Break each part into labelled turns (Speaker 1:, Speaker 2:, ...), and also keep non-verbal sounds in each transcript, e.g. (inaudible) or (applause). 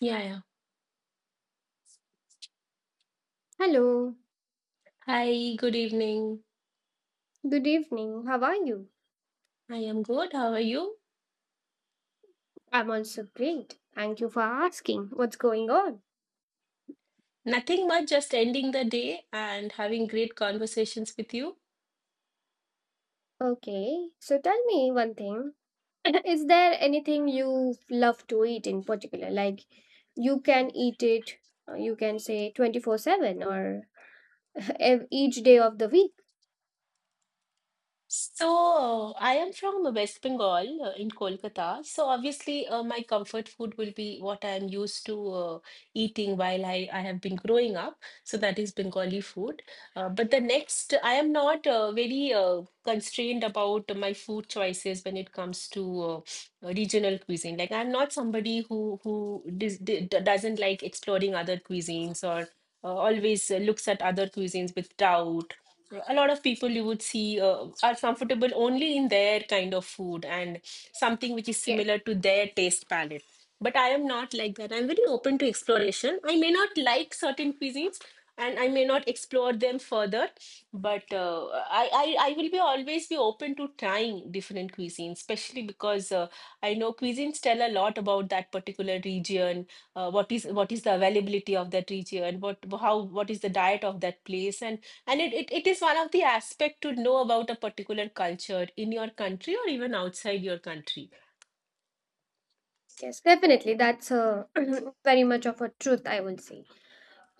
Speaker 1: Yeah, yeah.
Speaker 2: Hello,
Speaker 1: Hi, good evening.
Speaker 2: good evening. How are you?
Speaker 1: I am good. How are you?
Speaker 2: I'm also great. Thank you for asking. What's going on?
Speaker 1: Nothing much, just ending the day and having great conversations with you.
Speaker 2: Okay, so tell me one thing. (coughs) (clears throat) Is there anything you love to eat in particular? Like you can eat it, you can say 24/7 or (laughs) each day of the week?
Speaker 1: So, I am from West Bengal, in Kolkata. So, obviously, my comfort food will be what I am used to eating while I have been growing up. So, that is Bengali food. But the next, I am not very constrained about my food choices when it comes to regional cuisine. Like, I'm not somebody who doesn't like exploring other cuisines or always looks at other cuisines with doubt. A lot of people you would see are comfortable only in their kind of food and something which is
Speaker 2: Yes.
Speaker 1: similar to their taste palette. But I am not like that. I'm very open to exploration. I may not like certain cuisines and I may not explore them further, but I will be always be open to trying different cuisines, especially because I know cuisines tell a lot about that particular region, what is the availability of that region, what is the diet of that place, and it is one of the aspect to know about a particular culture in your country or even outside your country.
Speaker 2: Yes, definitely. That's a (coughs) (clears throat) very much of a truth, I will say.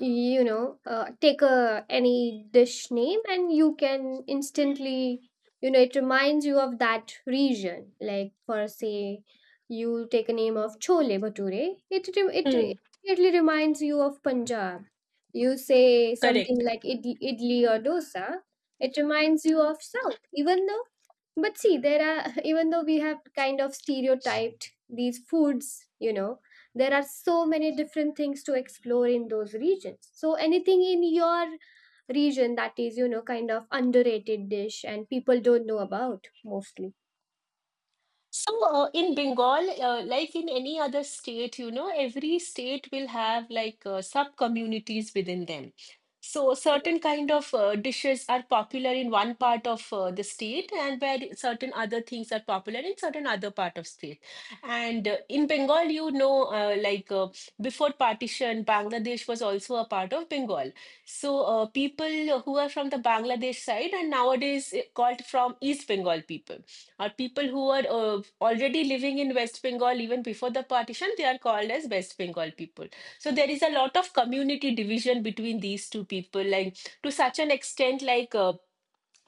Speaker 2: Take a any dish name and you can instantly, you know, it reminds you of that region. Like for say you take a name of chole bhature, it
Speaker 1: Hmm.
Speaker 2: immediately reminds you of Punjab. You say
Speaker 1: Correct.
Speaker 2: something like idli or dosa, it reminds you of south. Even though, but see, there are, (laughs) even though we have kind of stereotyped these foods, you know, there are so many different things to explore in those regions. So, anything in your region that is, you know, kind of underrated dish and people don't know about mostly?
Speaker 1: So, in Bengal, like in any other state, you know, every state will have like sub-communities within them. So, certain kind of dishes are popular in one part of the state, and where certain other things are popular in certain other part of state. And in Bengal, you know, before partition, Bangladesh was also a part of Bengal. So, people who are from the Bangladesh side and nowadays called from East Bengal people or people who were already living in West Bengal even before the partition, they are called as West Bengal people. So there is a lot of community division between these two people, like to such an extent, like.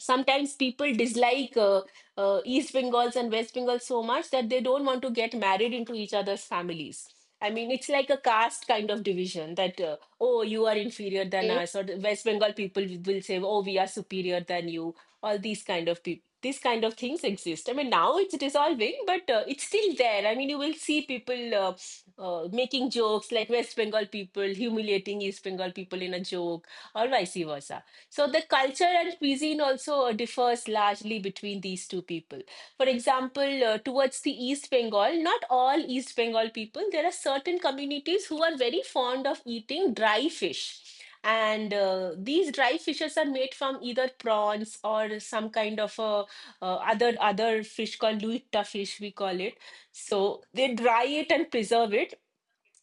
Speaker 1: Sometimes people dislike East Bengals and West Bengals so much that they don't want to get married into each other's families. I mean, it's like a caste kind of division that, oh, you are inferior than
Speaker 2: Okay,
Speaker 1: us, or the West Bengal people will say, oh, we are superior than you. All these kind of people, these kind of things exist. I mean, now it's dissolving, but it's still there. I mean, you will see people making jokes like West Bengal people humiliating East Bengal people in a joke, or vice versa. So the culture and cuisine also differs largely between these two people. For example, towards the East Bengal, not all East Bengal people, there are certain communities who are very fond of eating dry fish. And these dry fishes are made from either prawns or some kind of a, other fish called luita fish, we call it. So they dry it and preserve it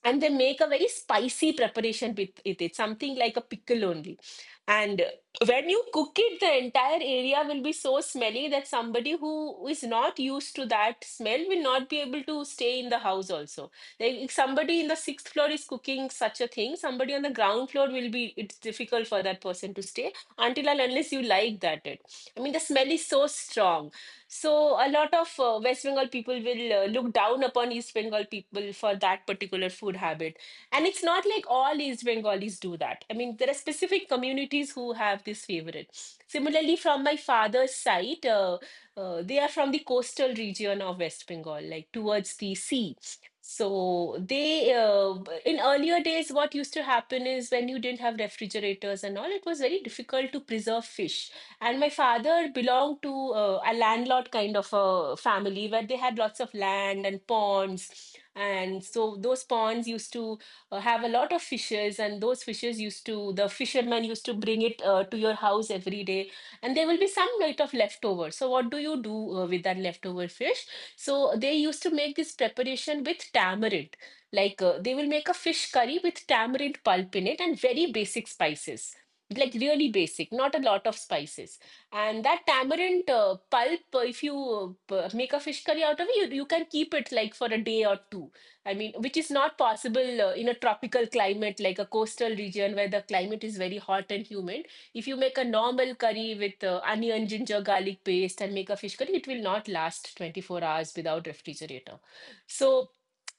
Speaker 1: and they make a very spicy preparation with it. It's something like a pickle only. And when you cook it, the entire area will be so smelly that somebody who is not used to that smell will not be able to stay in the house also. Like if somebody in the sixth floor is cooking such a thing, somebody on the ground floor will be, it's difficult for that person to stay until and unless you like that. It. I mean, the smell is so strong. So a lot of West Bengal people will look down upon East Bengal people for that particular food habit. And it's not like all East Bengalis do that. I mean, there are specific communities who have this favorite. Similarly, from my father's side, they are from the coastal region of West Bengal, like towards the sea. So they, in earlier days, what used to happen is when you didn't have refrigerators and all, it was very difficult to preserve fish. And my father belonged to a landlord kind of a family where they had lots of land and ponds. And so those ponds used to have a lot of fishes, and those fishes used to, the fishermen used to bring it to your house every day. And there will be some bit of leftover. So, what do you do with that leftover fish? So, they used to make this preparation with tamarind. Like they will make a fish curry with tamarind pulp in it and very basic spices, like really basic, not a lot of spices. And that tamarind pulp, if you make a fish curry out of it, you can keep it like for a day or two. I mean, which is not possible in a tropical climate, like a coastal region where the climate is very hot and humid. If you make a normal curry with onion, ginger, garlic paste and make a fish curry, it will not last 24 hours without refrigerator. So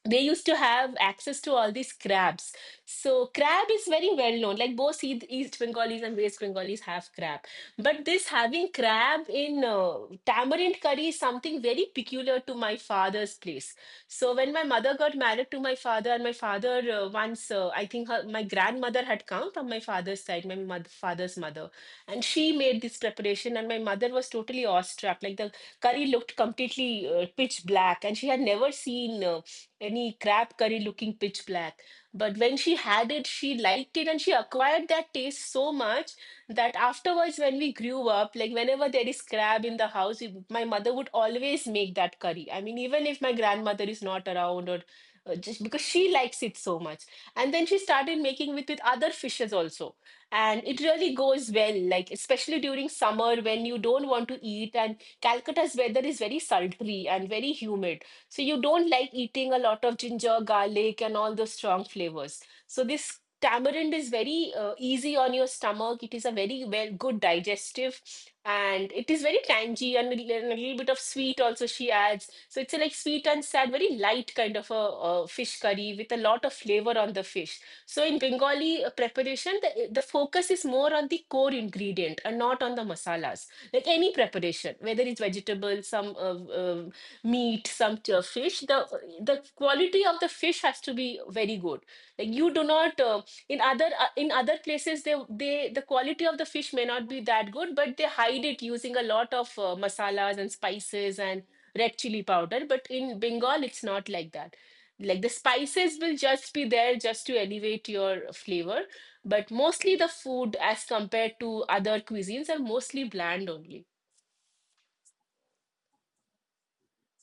Speaker 1: they used to have access to all these crabs. So crab is very well known. Like both East Bengalis and West Bengalis have crab, but this having crab in tamarind curry is something very peculiar to my father's place. So when my mother got married to my father, and my father once, I think her, my grandmother had come from my father's side, my mother, father's mother, and she made this preparation, and my mother was totally awestruck. Like the curry looked completely pitch black, and she had never seen any crab curry looking pitch black. But when she had it, she liked it and she acquired that taste so much that afterwards, when we grew up, like whenever there is crab in the house, we- my mother would always make that curry. I mean, even if my grandmother is not around or just because she likes it so much. And then she started making with other fishes also. And it really goes well, like especially during summer when you don't want to eat and Calcutta's weather is very sultry and very humid. So you don't like eating a lot of ginger, garlic, and all those strong flavors. So this tamarind is very easy on your stomach. It is a very well good digestive, and it is very tangy and and a little bit of sweet also she adds. So it's a, like sweet and sad, very light kind of a, uh, fish curry with a lot of flavor on the fish. So in Bengali preparation, the focus is more on the core ingredient and not on the masalas. Like any preparation, whether it's vegetable, some meat, some fish, the quality of the fish has to be very good. Like you do not in other places they the quality of the fish may not be that good, but they hide it using a lot of masalas and spices and red chili powder. But in Bengal, it's not like that. Like the spices will just be there just to elevate your flavor, but mostly the food as compared to other cuisines are mostly bland only.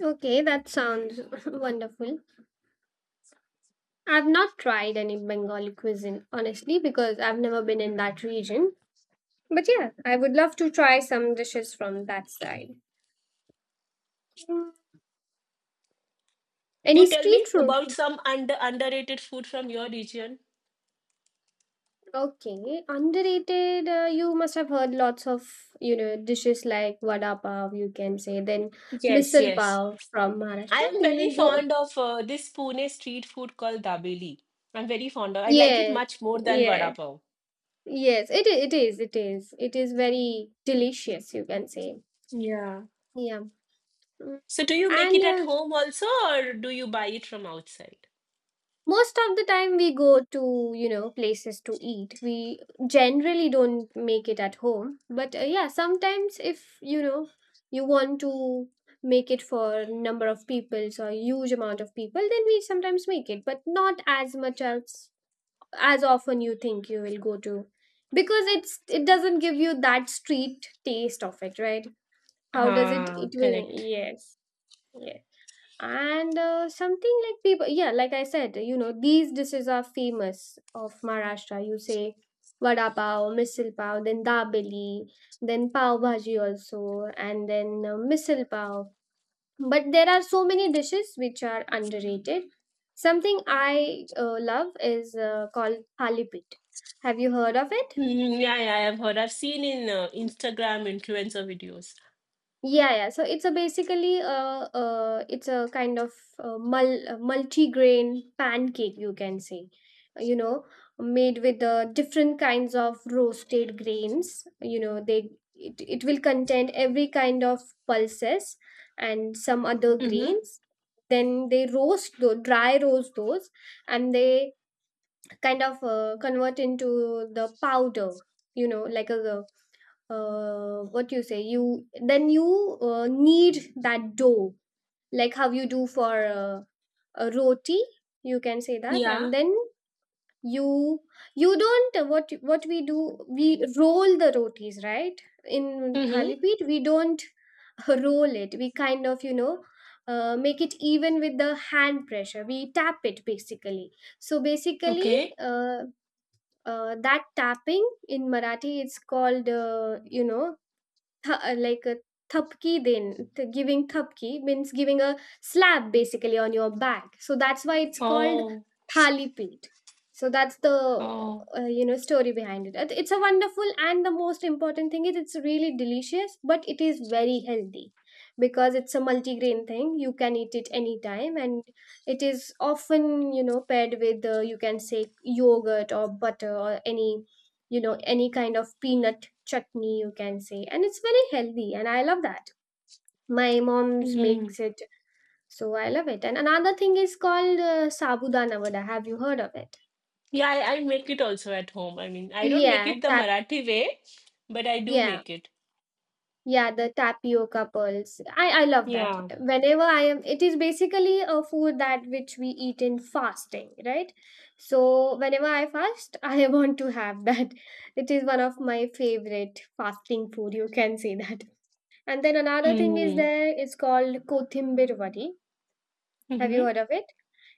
Speaker 2: okay, that sounds (laughs) wonderful. I've not tried any Bengali cuisine, honestly, because I've never been in that region. But yeah, I would love to try some dishes from that side. Mm. Any
Speaker 1: You tell
Speaker 2: street
Speaker 1: me
Speaker 2: food?
Speaker 1: about some underrated food from your region.
Speaker 2: Okay, underrated. You must have heard lots of, you know, dishes like vada pav. You can say then
Speaker 1: Yes,
Speaker 2: misal
Speaker 1: yes.
Speaker 2: pav from
Speaker 1: I
Speaker 2: Maharashtra.
Speaker 1: am
Speaker 2: You know,
Speaker 1: very
Speaker 2: tho-
Speaker 1: fond of this Pune street food called dabeli. I'm very fond of. I like it
Speaker 2: yes,
Speaker 1: much more than vada
Speaker 2: yes,
Speaker 1: pav.
Speaker 2: yes. It is. It is. It is very delicious. You can say.
Speaker 1: Yeah.
Speaker 2: Yeah. Mm.
Speaker 1: So do you make
Speaker 2: And
Speaker 1: it at home also, or do you buy it from outside?
Speaker 2: most of the time we go to, you know, places to eat. We generally don't make it at home, but yeah, sometimes if, you know, you want to make it for number of people, so huge amount of people, then we sometimes make it, but not as much as often. You think you will go to because it's, it doesn't give you that street taste of it, right? How does it,
Speaker 1: Ah,
Speaker 2: it will,
Speaker 1: correct.
Speaker 2: yes, yes. And something like people, yeah, like I said, you know, these dishes are famous of Maharashtra. You say vada pav, misal pav, then dabeli, then pav bhaji also, and then misal pav. But there are so many dishes which are underrated. Something I love is called thali. Have you heard of it?
Speaker 1: Mm, yeah, yeah, I have heard. I've seen in Instagram influencer videos.
Speaker 2: Yeah, yeah. So it's a basically a, it's a kind of multi-grain pancake, you can say. You know, made with different kinds of roasted grains. You know, it will contain every kind of pulses and some other
Speaker 1: Mm-hmm.
Speaker 2: grains. Then they roast those, dry roast those, and they kind of convert into the powder. You know, like a what you say, you knead that dough, like how you do for uh, a roti, you can say that.
Speaker 1: Yeah.
Speaker 2: And then you you don't, what we do, we roll the rotis, right? In
Speaker 1: Mm-hmm.
Speaker 2: thalipit we don't (laughs) roll it. We kind of, you know, make it even with the hand pressure, we tap it basically. So basically
Speaker 1: Okay.
Speaker 2: uh, that tapping in Marathi, it's called, you know, like a thapki. Giving thapki means giving a slap basically on your back. So that's why it's called
Speaker 1: Oh,
Speaker 2: thali pit so that's the,
Speaker 1: oh.
Speaker 2: you know, story behind it. It- it's a wonderful, and the most important thing is it's really delicious, but it is very healthy because it's a multigrain thing. You can eat it anytime, and it is often, you know, paired with, you can say, yogurt or butter or any, you know, any kind of peanut chutney, you can say. And it's very healthy and I love that. My mom's
Speaker 1: Mm-hmm.
Speaker 2: makes it, so I love it. And another thing is called sabudana vada. Have you heard of it?
Speaker 1: Yeah, I make it also at home. I mean, I don't make
Speaker 2: Yeah,
Speaker 1: it the
Speaker 2: tap,
Speaker 1: Marathi way, but I do
Speaker 2: yeah,
Speaker 1: make it.
Speaker 2: yeah, the tapioca pearls. I love that.
Speaker 1: Yeah.
Speaker 2: Whenever I am, it is basically a food that which we eat in fasting, right? So whenever I fast, (laughs) I want to have that. It is one of my favorite fasting food, you can say that. And then another thing is
Speaker 1: Mm.
Speaker 2: there, it's called kothhimbir vadi. Have you
Speaker 1: Mm-hmm.
Speaker 2: heard of it?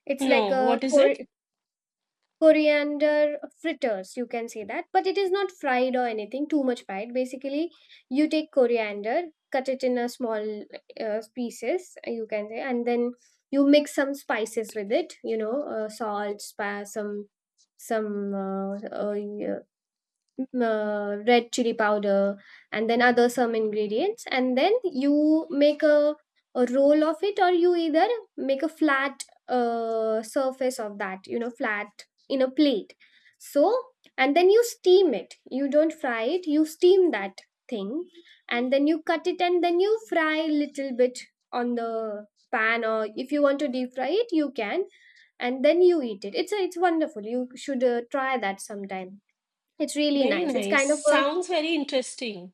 Speaker 2: It's like
Speaker 1: No,
Speaker 2: a
Speaker 1: what is it?
Speaker 2: coriander fritters, you can say that. But it is not fried or anything, too much fried. Basically, you take coriander, cut it in a small pieces, you can say, and then you mix some spices with it, you know, salt, spa, some red chili powder, and then other some ingredients, and then you make a roll of it, or you either make a flat surface of that, you know, flat in a plate. So and then you steam it, you don't fry it, you steam that thing, and then you cut it and then you fry little bit on the pan, or if you want to deep fry it, you can, and then you eat it. It's a, it's wonderful. You should try that sometime. It's really
Speaker 1: Very
Speaker 2: nice. It's
Speaker 1: nice.
Speaker 2: kind of a,
Speaker 1: Sounds very interesting.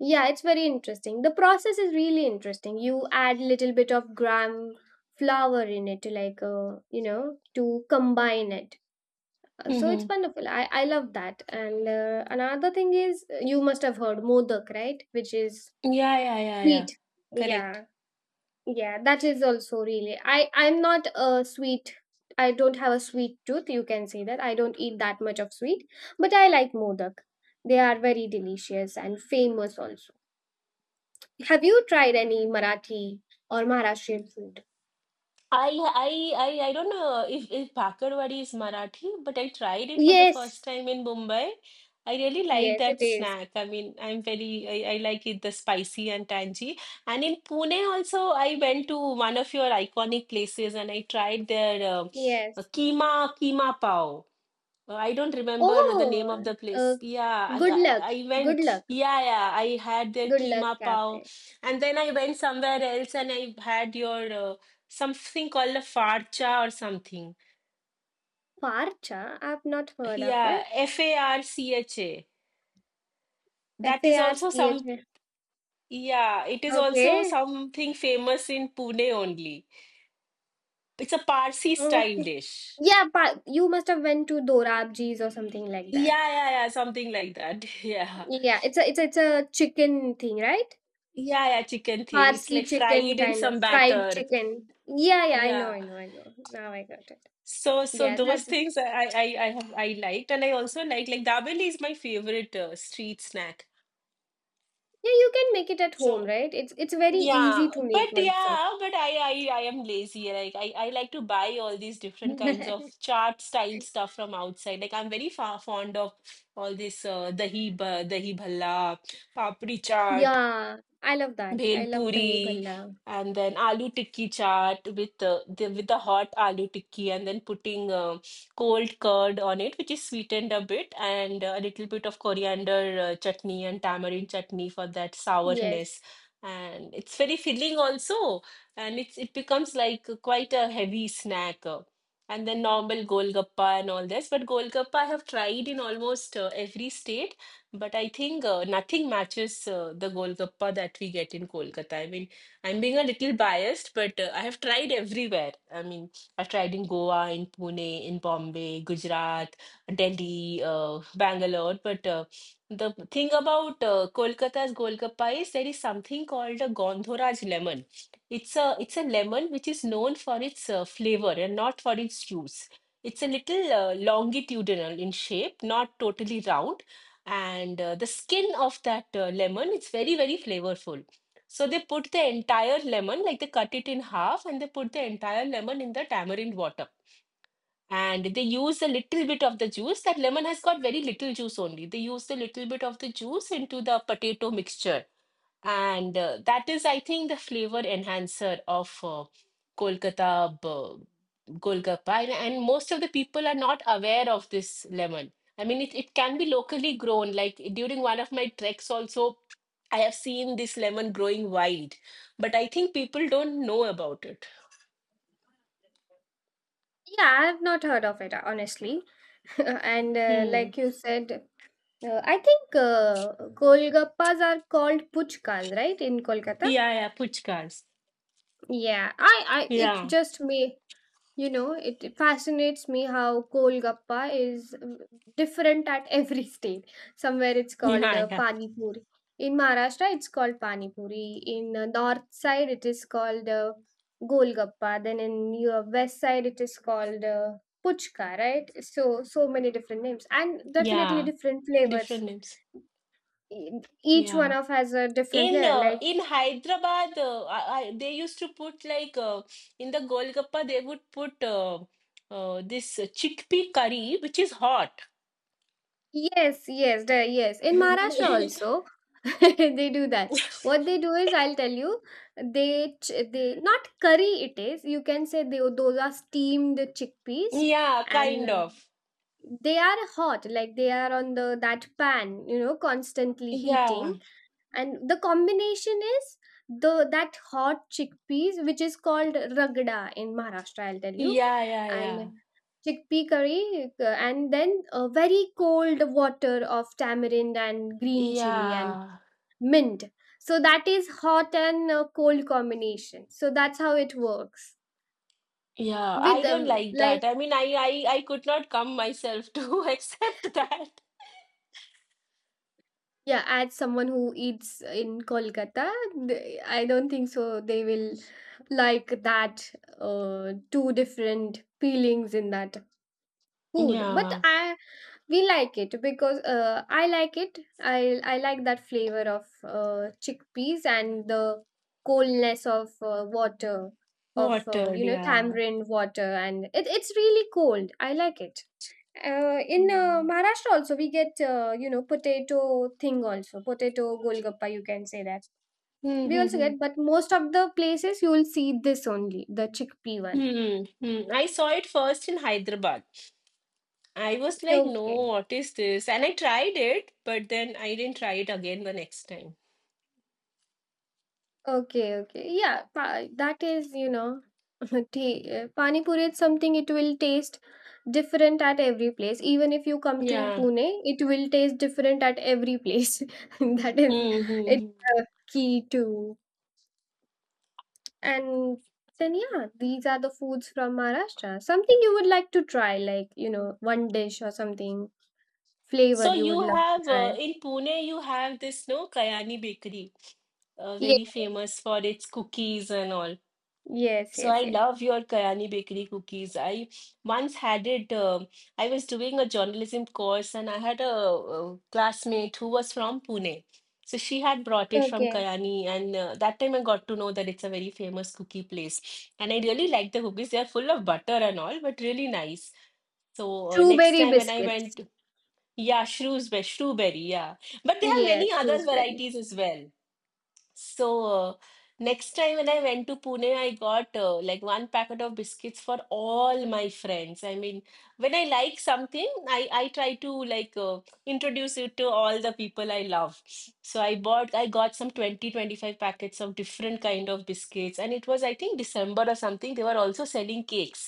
Speaker 2: yeah, it's very interesting. The process is really interesting. You add little bit of gram flour in it to, like, you know, to combine it. So it's
Speaker 1: Mm-hmm.
Speaker 2: wonderful. I love that. And another thing is, you must have heard modak, right? Which is
Speaker 1: Yeah, yeah, yeah, yeah.
Speaker 2: sweet.
Speaker 1: Correct.
Speaker 2: Yeah. Yeah, that is also really. I I'm not a sweet. I don't have a sweet tooth. You can say that I don't eat that much of sweet, but I like modak. They are very delicious and famous also. Have you tried any Marathi or Maharashtrian food?
Speaker 1: I I I don't know if bhakarwadi is Marathi, but I tried it for the
Speaker 2: Yes,
Speaker 1: first time in Mumbai. I really like
Speaker 2: yes, it
Speaker 1: that
Speaker 2: is.
Speaker 1: snack. I mean, I'm very I like it the spicy and tangy. And in Pune also, I went to one of your iconic places and I tried their uh,
Speaker 2: Yes.
Speaker 1: keema keema pav. I don't remember the name of
Speaker 2: Oh,
Speaker 1: the
Speaker 2: uh,
Speaker 1: place.
Speaker 2: good luck.
Speaker 1: I
Speaker 2: Good
Speaker 1: went.
Speaker 2: luck.
Speaker 1: Yeah, yeah, I had their
Speaker 2: Good luck
Speaker 1: keema pav,
Speaker 2: cafe.
Speaker 1: and then I went somewhere else and I had your something called a farcha or something.
Speaker 2: Farcha, I've not heard of
Speaker 1: Yeah,
Speaker 2: it.
Speaker 1: FARCHA.
Speaker 2: F
Speaker 1: That
Speaker 2: A
Speaker 1: is
Speaker 2: R C
Speaker 1: also
Speaker 2: H
Speaker 1: some.
Speaker 2: A.
Speaker 1: Yeah, it is also
Speaker 2: Okay.
Speaker 1: something famous in Pune only. It's a Parsi style
Speaker 2: Okay.
Speaker 1: dish.
Speaker 2: Yeah, but you must have went to Dorabji's or something like that.
Speaker 1: Yeah, yeah, yeah, something like that. (laughs)
Speaker 2: Yeah, it's a, it's a chicken thing, right?
Speaker 1: Yeah, yeah, yeah, chicken thing. It's
Speaker 2: Parsi
Speaker 1: like
Speaker 2: chicken
Speaker 1: fried in
Speaker 2: kind of
Speaker 1: some
Speaker 2: fried
Speaker 1: batter.
Speaker 2: chicken. Yeah, yeah, I know,
Speaker 1: Yeah.
Speaker 2: I know, I know. Now I got it.
Speaker 1: So,
Speaker 2: Yeah,
Speaker 1: those
Speaker 2: that's yeah.
Speaker 1: things I liked, and I also like dabeli is my favorite street snack.
Speaker 2: You can make it at home,
Speaker 1: So
Speaker 2: right? It's very easy to make also.
Speaker 1: yeah, but I am lazy. Like I like to buy all these different kinds of
Speaker 2: (laughs)
Speaker 1: chaat style stuff from outside. Like I'm very far fond of all this dahi bhalla, papri chaat,
Speaker 2: yeah, I love that.
Speaker 1: bhel
Speaker 2: I love dahi
Speaker 1: puri,
Speaker 2: bhalla.
Speaker 1: and then aloo tikki chaat with the hot aloo tikki, and then putting cold curd on it, which is sweetened a bit, and a little bit of coriander chutney and tamarind chutney for that
Speaker 2: Yes.
Speaker 1: sourness, and it's very filling also, and it becomes like quite a heavy snack, and then normal golgappa and all this. But golgappa I have tried in almost every state, but I think nothing matches the Golgappa that we get in Kolkata. I mean, I'm being a little biased, but I have tried everywhere. I mean, I've tried in Goa, in Pune, in Bombay, Gujarat, Delhi, Bangalore. But the thing about Kolkata's Golgappa is, there is something called a Gondhoraj lemon. It's a lemon which is known for its flavor and not for its juice. It's a little longitudinal in shape, not totally round, and the skin of that lemon, it's very, very flavorful. So they put the entire lemon, like they cut it in half and they put the entire lemon in the tamarind water, and they use a little bit of the juice. That lemon has got very little juice only. They use a little bit of the juice into the potato mixture, and that is, I think, the flavor enhancer of Kolkata Golgappa. And most of the people are not aware of this lemon. I mean, it can be locally grown. Like, during one of my treks also, I have seen this lemon growing wild. But I think people don't know about it.
Speaker 2: Yeah, I have not heard of it honestly. (laughs) And
Speaker 1: Hmm.
Speaker 2: like you said, I think Golgappas are called puchkas, right, in Kolkata?
Speaker 1: Yeah, yeah, puchkas.
Speaker 2: Yeah, it's
Speaker 1: Yeah.
Speaker 2: just
Speaker 1: (laughs)
Speaker 2: me. You know, it fascinates me how kolgappa is, mm, different at every (laughs) state. Somewhere it's called
Speaker 1: Yeah, yeah.
Speaker 2: Pani Puri. In Maharashtra, it's called Pani Puri. In north side, it is called Golgappa. Then in your west side, it is called Puchka, right? So, so many different names, and definitely
Speaker 1: Yeah,
Speaker 2: different flavors.
Speaker 1: different names.
Speaker 2: E- each one
Speaker 1: Yeah.
Speaker 2: of has a different
Speaker 1: In
Speaker 2: flavor.
Speaker 1: uh,
Speaker 2: Like
Speaker 1: in Hyderabad, they used to put like in the Golgappa, they would put this chickpea curry, which is hot.
Speaker 2: yes, yes, the, yes. In Maharashtra
Speaker 1: (laughs)
Speaker 2: also, (laughs) they do that. What they do is, I'll tell you, they not curry, it is, you can say, they those are steamed chickpeas,
Speaker 1: Yeah,
Speaker 2: and
Speaker 1: kind of.
Speaker 2: they are hot, like they are on the that pan, you know, constantly heating,
Speaker 1: Yeah,
Speaker 2: and the combination is the that hot chickpeas, which is called ragda in Maharashtra, I'll tell you,
Speaker 1: yeah, yeah,
Speaker 2: and
Speaker 1: yeah,
Speaker 2: chickpea curry, and then a very cold water of tamarind and green chili and
Speaker 1: yeah,
Speaker 2: mint. So that is hot and, cold combination, so that's how it works
Speaker 1: yeah.
Speaker 2: with,
Speaker 1: I don't like
Speaker 2: like,
Speaker 1: that. I mean, I could not come myself to (laughs) accept that.
Speaker 2: yeah, as someone who eats in Kolkata, th- I don't think so they will like that, two different feelings in that food. But
Speaker 1: Yeah,
Speaker 2: I, we like it because, I like it. I like that flavor of chickpeas and the coldness of water of, you
Speaker 1: watered.
Speaker 2: know,
Speaker 1: Yeah,
Speaker 2: tamarind water, and it, it's really cold. I like it. In
Speaker 1: yeah.
Speaker 2: Maharashtra also we get, you know, potato thing also, potato golgappa, you can say that
Speaker 1: Hmm.
Speaker 2: we
Speaker 1: Hmm,
Speaker 2: also
Speaker 1: hmm.
Speaker 2: get, but most of the places you will see this only, the chickpea one.
Speaker 1: Hmm, hmm. I saw it first in Hyderabad. I was like, no,
Speaker 2: Okay,
Speaker 1: what is this? And I tried it, but then I didn't try it again the next time.
Speaker 2: okay, okay, yeah, that is, you know, (laughs) pani puri is something it will taste different at every place. Even if you come to
Speaker 1: Yeah.
Speaker 2: Pune, it will taste different at every place. (laughs) That is
Speaker 1: Mm-hmm.
Speaker 2: it's a key to. And then, yeah, these are the foods from Maharashtra. Something you would like to try, like, you know, one dish or something, flavor
Speaker 1: So
Speaker 2: you would
Speaker 1: you
Speaker 2: love to
Speaker 1: have,
Speaker 2: try.
Speaker 1: in Pune, you have this, no, Kayani Bakery,
Speaker 2: Yes,
Speaker 1: very famous for its cookies and all.
Speaker 2: yes,
Speaker 1: So I
Speaker 2: yes, yes.
Speaker 1: love your Kayani Bakery cookies. I once had it. I was doing a journalism course, and I had a classmate who was from Pune. So she had brought it from
Speaker 2: Okay.
Speaker 1: Kayani, and that time I got to know that it's a very famous cookie place. And I really like the cookies. They are full of butter and all, but really nice. So next
Speaker 2: Strawberry
Speaker 1: time when I
Speaker 2: biscuits.
Speaker 1: went, yeah, Shrewsbury, Shrewberry, yeah. But they have
Speaker 2: Yeah,
Speaker 1: many other
Speaker 2: strawberry.
Speaker 1: varieties as well. So next time when I went to Pune, I got like one packet of biscuits for all my friends. I mean, when I like something, I try to like introduce it to all the people I love. So I bought, I got some 20, 25 packets of different kind of biscuits, and it was, I think, December or something. They were also selling cakes.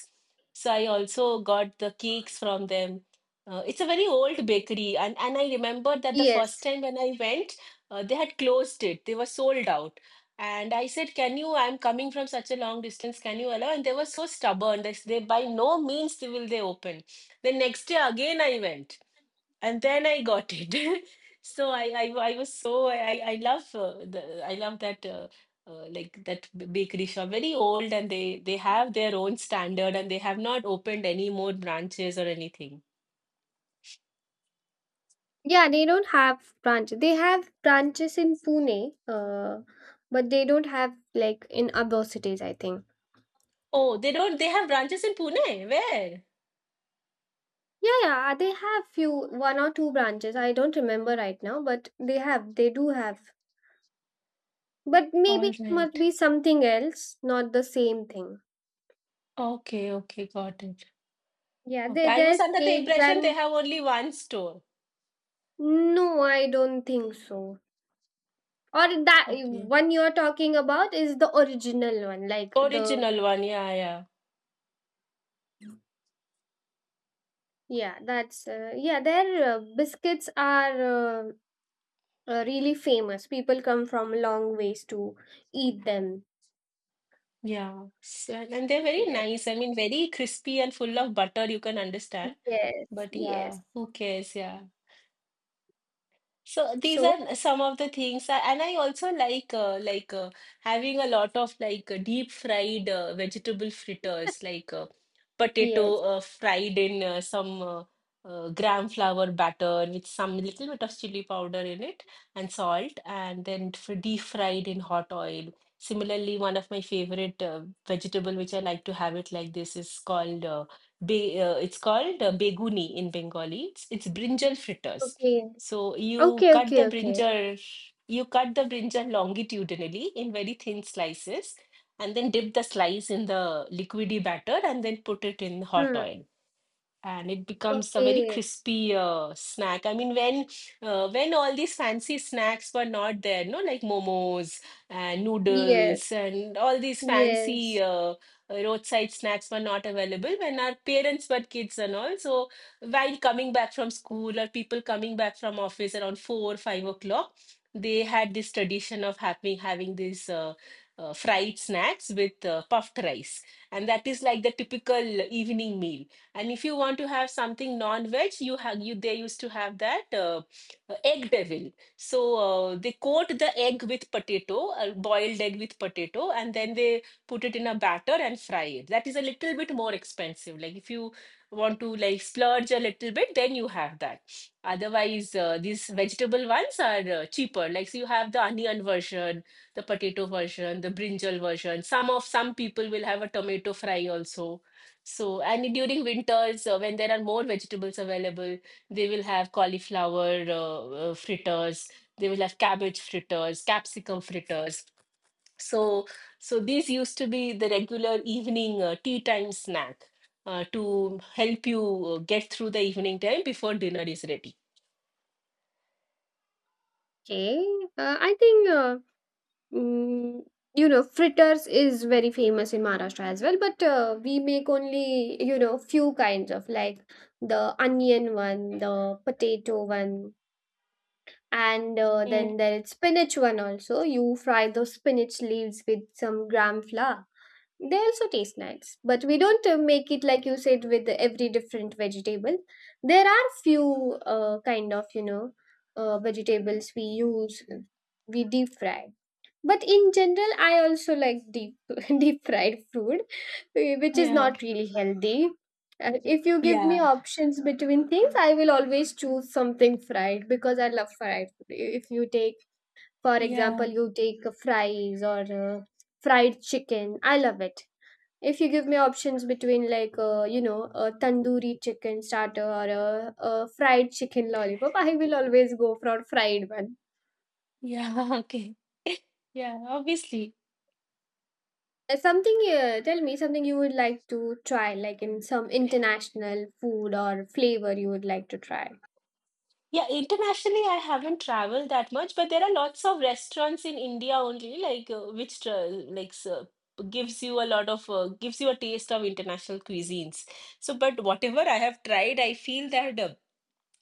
Speaker 1: So I also got the cakes from them. It's a very old bakery, and I remember that the first
Speaker 2: Yes.
Speaker 1: time when I went, they had closed it, they were sold out, and I said, "Can you, I'm coming from such a long distance, can you allow?" And they were so stubborn, they, they, by no means they will they open. The next day again I went, and then I got it. (laughs) so I was so I love the I love that, like that bakery shop, very old, and they have their own standard, and they have not opened any more branches or anything.
Speaker 2: Yeah, they don't have branches. They have branches in Pune, but they don't have like in other cities, I think.
Speaker 1: Oh, they don't, they have branches in Pune? Where?
Speaker 2: Yeah, yeah, they have few one or two branches. I don't remember right now, but they have, they do have. But maybe
Speaker 1: All
Speaker 2: it must
Speaker 1: right.
Speaker 2: be something else, not the same thing.
Speaker 1: Okay, okay, got it.
Speaker 2: Yeah,
Speaker 1: Okay,
Speaker 2: there
Speaker 1: I was
Speaker 2: there's
Speaker 1: under the
Speaker 2: cakes
Speaker 1: impression they
Speaker 2: and
Speaker 1: have only one store.
Speaker 2: no, I don't think so. Or that
Speaker 1: Okay.
Speaker 2: one you're talking about is the original one, like the
Speaker 1: Original one, yeah, yeah.
Speaker 2: yeah, that's, yeah. Their biscuits are, really famous. People come from long ways to eat them.
Speaker 1: Yeah. So, and they're very
Speaker 2: Yes,
Speaker 1: nice. I mean, very crispy and full of butter, you can understand.
Speaker 2: yes,
Speaker 1: But
Speaker 2: yes.
Speaker 1: yeah, who cares? Yeah. So these
Speaker 2: So
Speaker 1: are some of the things, and I also like having a lot of like deep fried vegetable fritters, like potato,
Speaker 2: yes.
Speaker 1: fried in some gram flour batter with some little bit of chili powder in it and salt, and then deep fried in hot oil. Similarly, one of my favorite vegetable which I like to have it like this, is called, be it's called beguni in Bengali. It's brinjal fritters.
Speaker 2: Okay.
Speaker 1: So
Speaker 2: Okay, okay, okay.
Speaker 1: you cut the brinjal longitudinally in very thin slices, and then dip the slice in the liquidy batter and then put it in hot
Speaker 2: Hmm.
Speaker 1: oil, and it becomes a very
Speaker 2: Okay.
Speaker 1: crispy snack. I mean, when all these fancy snacks were not there, no, like momos and
Speaker 2: Yes.
Speaker 1: noodles and all these fancy
Speaker 2: Yes.
Speaker 1: roadside snacks were not available when our parents were kids and all. So while coming back from school, or people coming back from office around 4 or 5 o'clock, they had this tradition of having these fried snacks with puffed rice, and that is like the typical evening meal. And if you want to have something non-veg, you have you they used to have that, egg devil. So they coat the egg with potato, a boiled egg with potato, and then they put it in a batter and fry it. That is a little bit more expensive. Like, if you want to like splurge a little bit, then you have that. Otherwise, these vegetable ones are cheaper. Like, so you have the onion version, the potato version, the brinjal version. Some people will have a tomato fry also. So, and during winters, when there are more vegetables available, they will have cauliflower fritters, they will have cabbage fritters, capsicum fritters. So, so, these used to be the regular evening tea time snack, to help you get through the evening time before dinner is ready.
Speaker 2: Okay. I think, mm, you know, fritters is very famous in Maharashtra as well, but we make only, you know, few kinds of, like the onion one, the potato one, and
Speaker 1: Mm,
Speaker 2: then there is spinach one also. You fry those spinach leaves with some gram flour. They also taste nice, but we don't make it like you said with every different vegetable. There are few kind of, you know, vegetables we use, we deep fry. But in general, I also like deep (laughs) deep fried food, eh, which is
Speaker 1: yeah,
Speaker 2: not really healthy. If you give me
Speaker 1: yeah,
Speaker 2: options between things, I will always choose something fried because I love fried food. I- if you take, for
Speaker 1: yeah,
Speaker 2: example, you take fries or fried chicken, I love it. If you give me options between, like, you know, a tandoori chicken starter or a fried chicken lollipop, I will always go for fried one.
Speaker 1: yeah, (laughs) okay. Yeah, obviously.
Speaker 2: Something, tell me something you would like to try, like in some international food or flavor you would like to try.
Speaker 1: Yeah, internationally, I haven't traveled that much, but there are lots of restaurants in India only, like, which, like, so gives you a taste of international cuisines. So, but whatever I have tried, I feel that,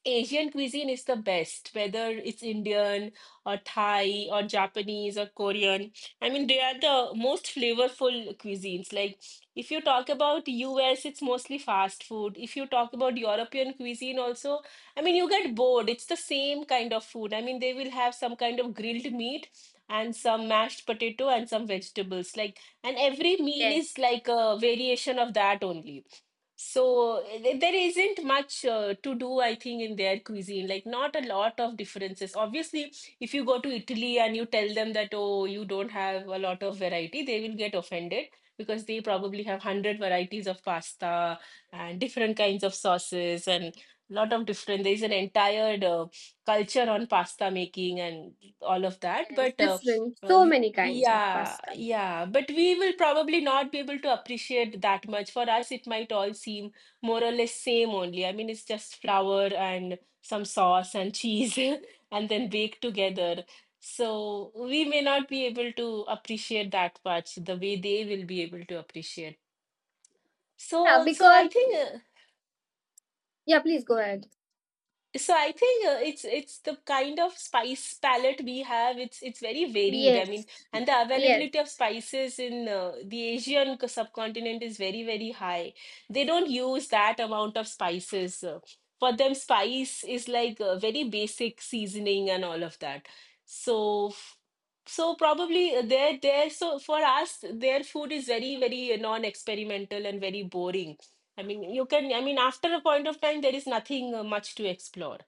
Speaker 1: Asian cuisine is the best, whether it's Indian or Thai or Japanese or Korean. I mean, they are the most flavorful cuisines. Like, if you talk about US, it's mostly fast food. If you talk about European cuisine also, I mean, you get bored. It's the same kind of food. I mean, they will have some kind of grilled meat and some mashed potato and some vegetables. Like, and every meal
Speaker 2: Yes,
Speaker 1: is like a variation of that only. So there isn't much to do, I think, in their cuisine. Like, not a lot of differences. Obviously, if you go to Italy and you tell them that, "Oh, you don't have a lot of variety," they will get offended, because they probably have 100 varieties of pasta and different kinds of sauces and lot of different. There's an entire culture on pasta making and all of that.
Speaker 2: yes,
Speaker 1: But
Speaker 2: different.
Speaker 1: uh,
Speaker 2: So many kinds of
Speaker 1: yeah,
Speaker 2: pasta.
Speaker 1: yeah, but we will probably not be able to appreciate that much. For us, it might all seem more or less same only. I mean, it's just flour and some sauce and cheese (laughs) and then baked together. So we may not be able to appreciate that much the way they will be able to appreciate.
Speaker 2: Yeah,
Speaker 1: So, so I
Speaker 2: because
Speaker 1: think uh,
Speaker 2: yeah, please go ahead.
Speaker 1: So I think, it's the kind of spice palette we have. It's very varied. I mean,
Speaker 2: Yes,
Speaker 1: and the
Speaker 2: yes.
Speaker 1: availability of spices in the Asian subcontinent is very, very high. They don't use that amount of spices. For them, spice is like a very basic seasoning and all of that. So, f- so probably they're there. So for us, their food is very, very non-experimental and very boring. I mean, you can, I mean, after a point of time, there is nothing much to explore.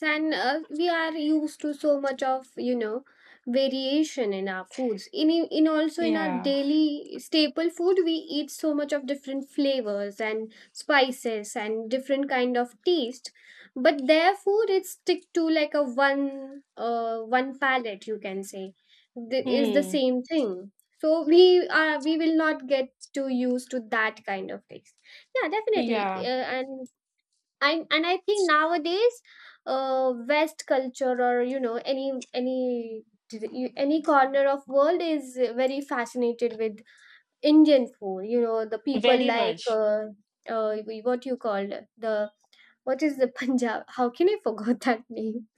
Speaker 2: And we are used to so much of, you know, variation in our foods, in also in our
Speaker 1: Yeah.
Speaker 2: daily staple food, we eat so much of different flavors and spices and different kind of taste. But their food, it stick to like a one, one palette, you can say. Th- is the
Speaker 1: Hmm.
Speaker 2: same thing, so we are, we will not get too used to that kind of taste. Yeah, definitely,
Speaker 1: Yeah.
Speaker 2: and I, and I think nowadays, West culture or, you know, any any corner of world is very fascinated with Indian food. You know, the people
Speaker 1: Very
Speaker 2: like,
Speaker 1: much.
Speaker 2: uh, what you called, the, what is the, (laughs) Punjab? How can I forgot that name?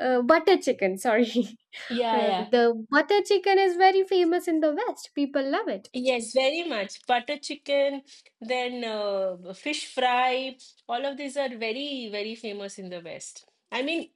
Speaker 2: Butter chicken. Sorry, (laughs)
Speaker 1: Yeah. Yeah.
Speaker 2: the butter chicken is very famous in the West. People love it.
Speaker 1: Yes, very much. Butter chicken, then fish fry, all of these are very, very famous in the West. I mean,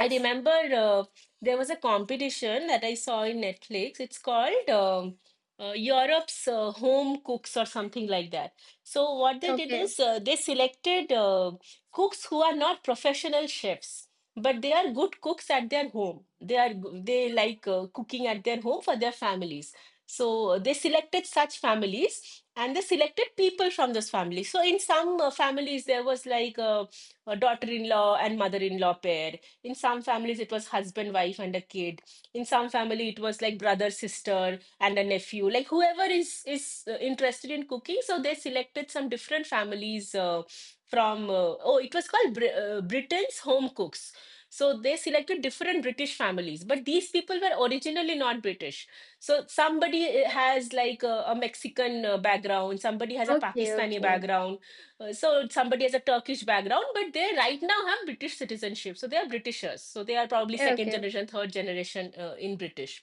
Speaker 1: I remember, there was a competition that I saw in Netflix. It's called, Europe's Home Cooks, or something like that. So, what they did
Speaker 2: Okay.
Speaker 1: is, they selected cooks who are not professional chefs, but they are good cooks at their home. They are, they like cooking at their home for their families. So they selected such families and they selected people from those families. So in some families, there was like a daughter-in-law and mother-in-law pair. In some families, it was husband, wife, and a kid. In some family, it was like brother, sister, and a nephew. Like, whoever is interested in cooking, so they selected some different families from. Oh, it was called, Br Britain's Home Cooks. So they selected different British families, but these people were originally not British, so somebody has like a Mexican background, somebody has a
Speaker 2: Okay.
Speaker 1: Pakistani
Speaker 2: Okay.
Speaker 1: background, so somebody has a Turkish background, but they right now have British citizenship. So they are Britishers. So they are probably
Speaker 2: Okay.
Speaker 1: second
Speaker 2: Okay.
Speaker 1: generation, third generation, in British,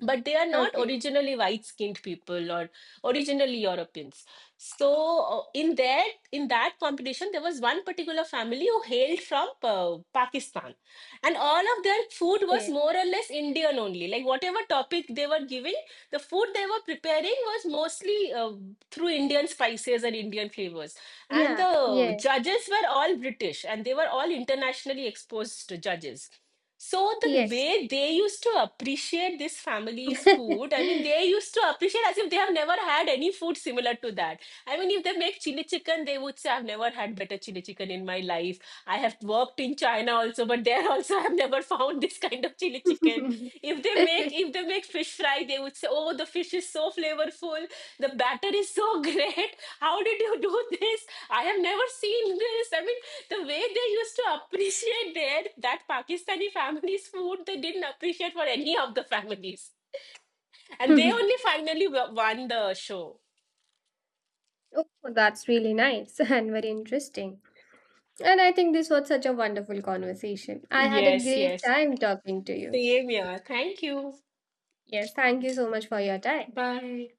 Speaker 1: but they are not
Speaker 2: Okay.
Speaker 1: originally white-skinned people or originally Europeans. So in that competition, there was one particular family who hailed from Pakistan, and all of their food was more or less Indian only. Like, whatever topic they were giving, the food they were preparing was mostly through Indian spices and Indian flavors. And
Speaker 2: Yeah.
Speaker 1: the
Speaker 2: Yes.
Speaker 1: judges were all British, and they were all internationally exposed judges. So the
Speaker 2: Yes.
Speaker 1: way they used to appreciate this family's food, I mean, they used to appreciate as if they have never had any food similar to that. I mean, if they make chili chicken, they would say, "I've never had better chili chicken in my life. I have worked in China also, but there (laughs) also I've never found this kind of chili chicken." If they make
Speaker 2: (laughs)
Speaker 1: if they make fish fry, they would say, "Oh, the fish is so flavorful. The batter is so (laughs) great. How did you do this? I have never seen this." I mean, the way they used to appreciate their, that Pakistani family's food, they didn't appreciate for any of the families. And they only finally won the show.
Speaker 2: Oh, that's really nice (laughs) and very interesting. And I think this was such a wonderful conversation. I had a
Speaker 1: Yes,
Speaker 2: great
Speaker 1: yes.
Speaker 2: time talking to you.
Speaker 1: Same here. Thank you.
Speaker 2: Yes, thank you so much for your time.
Speaker 1: Bye.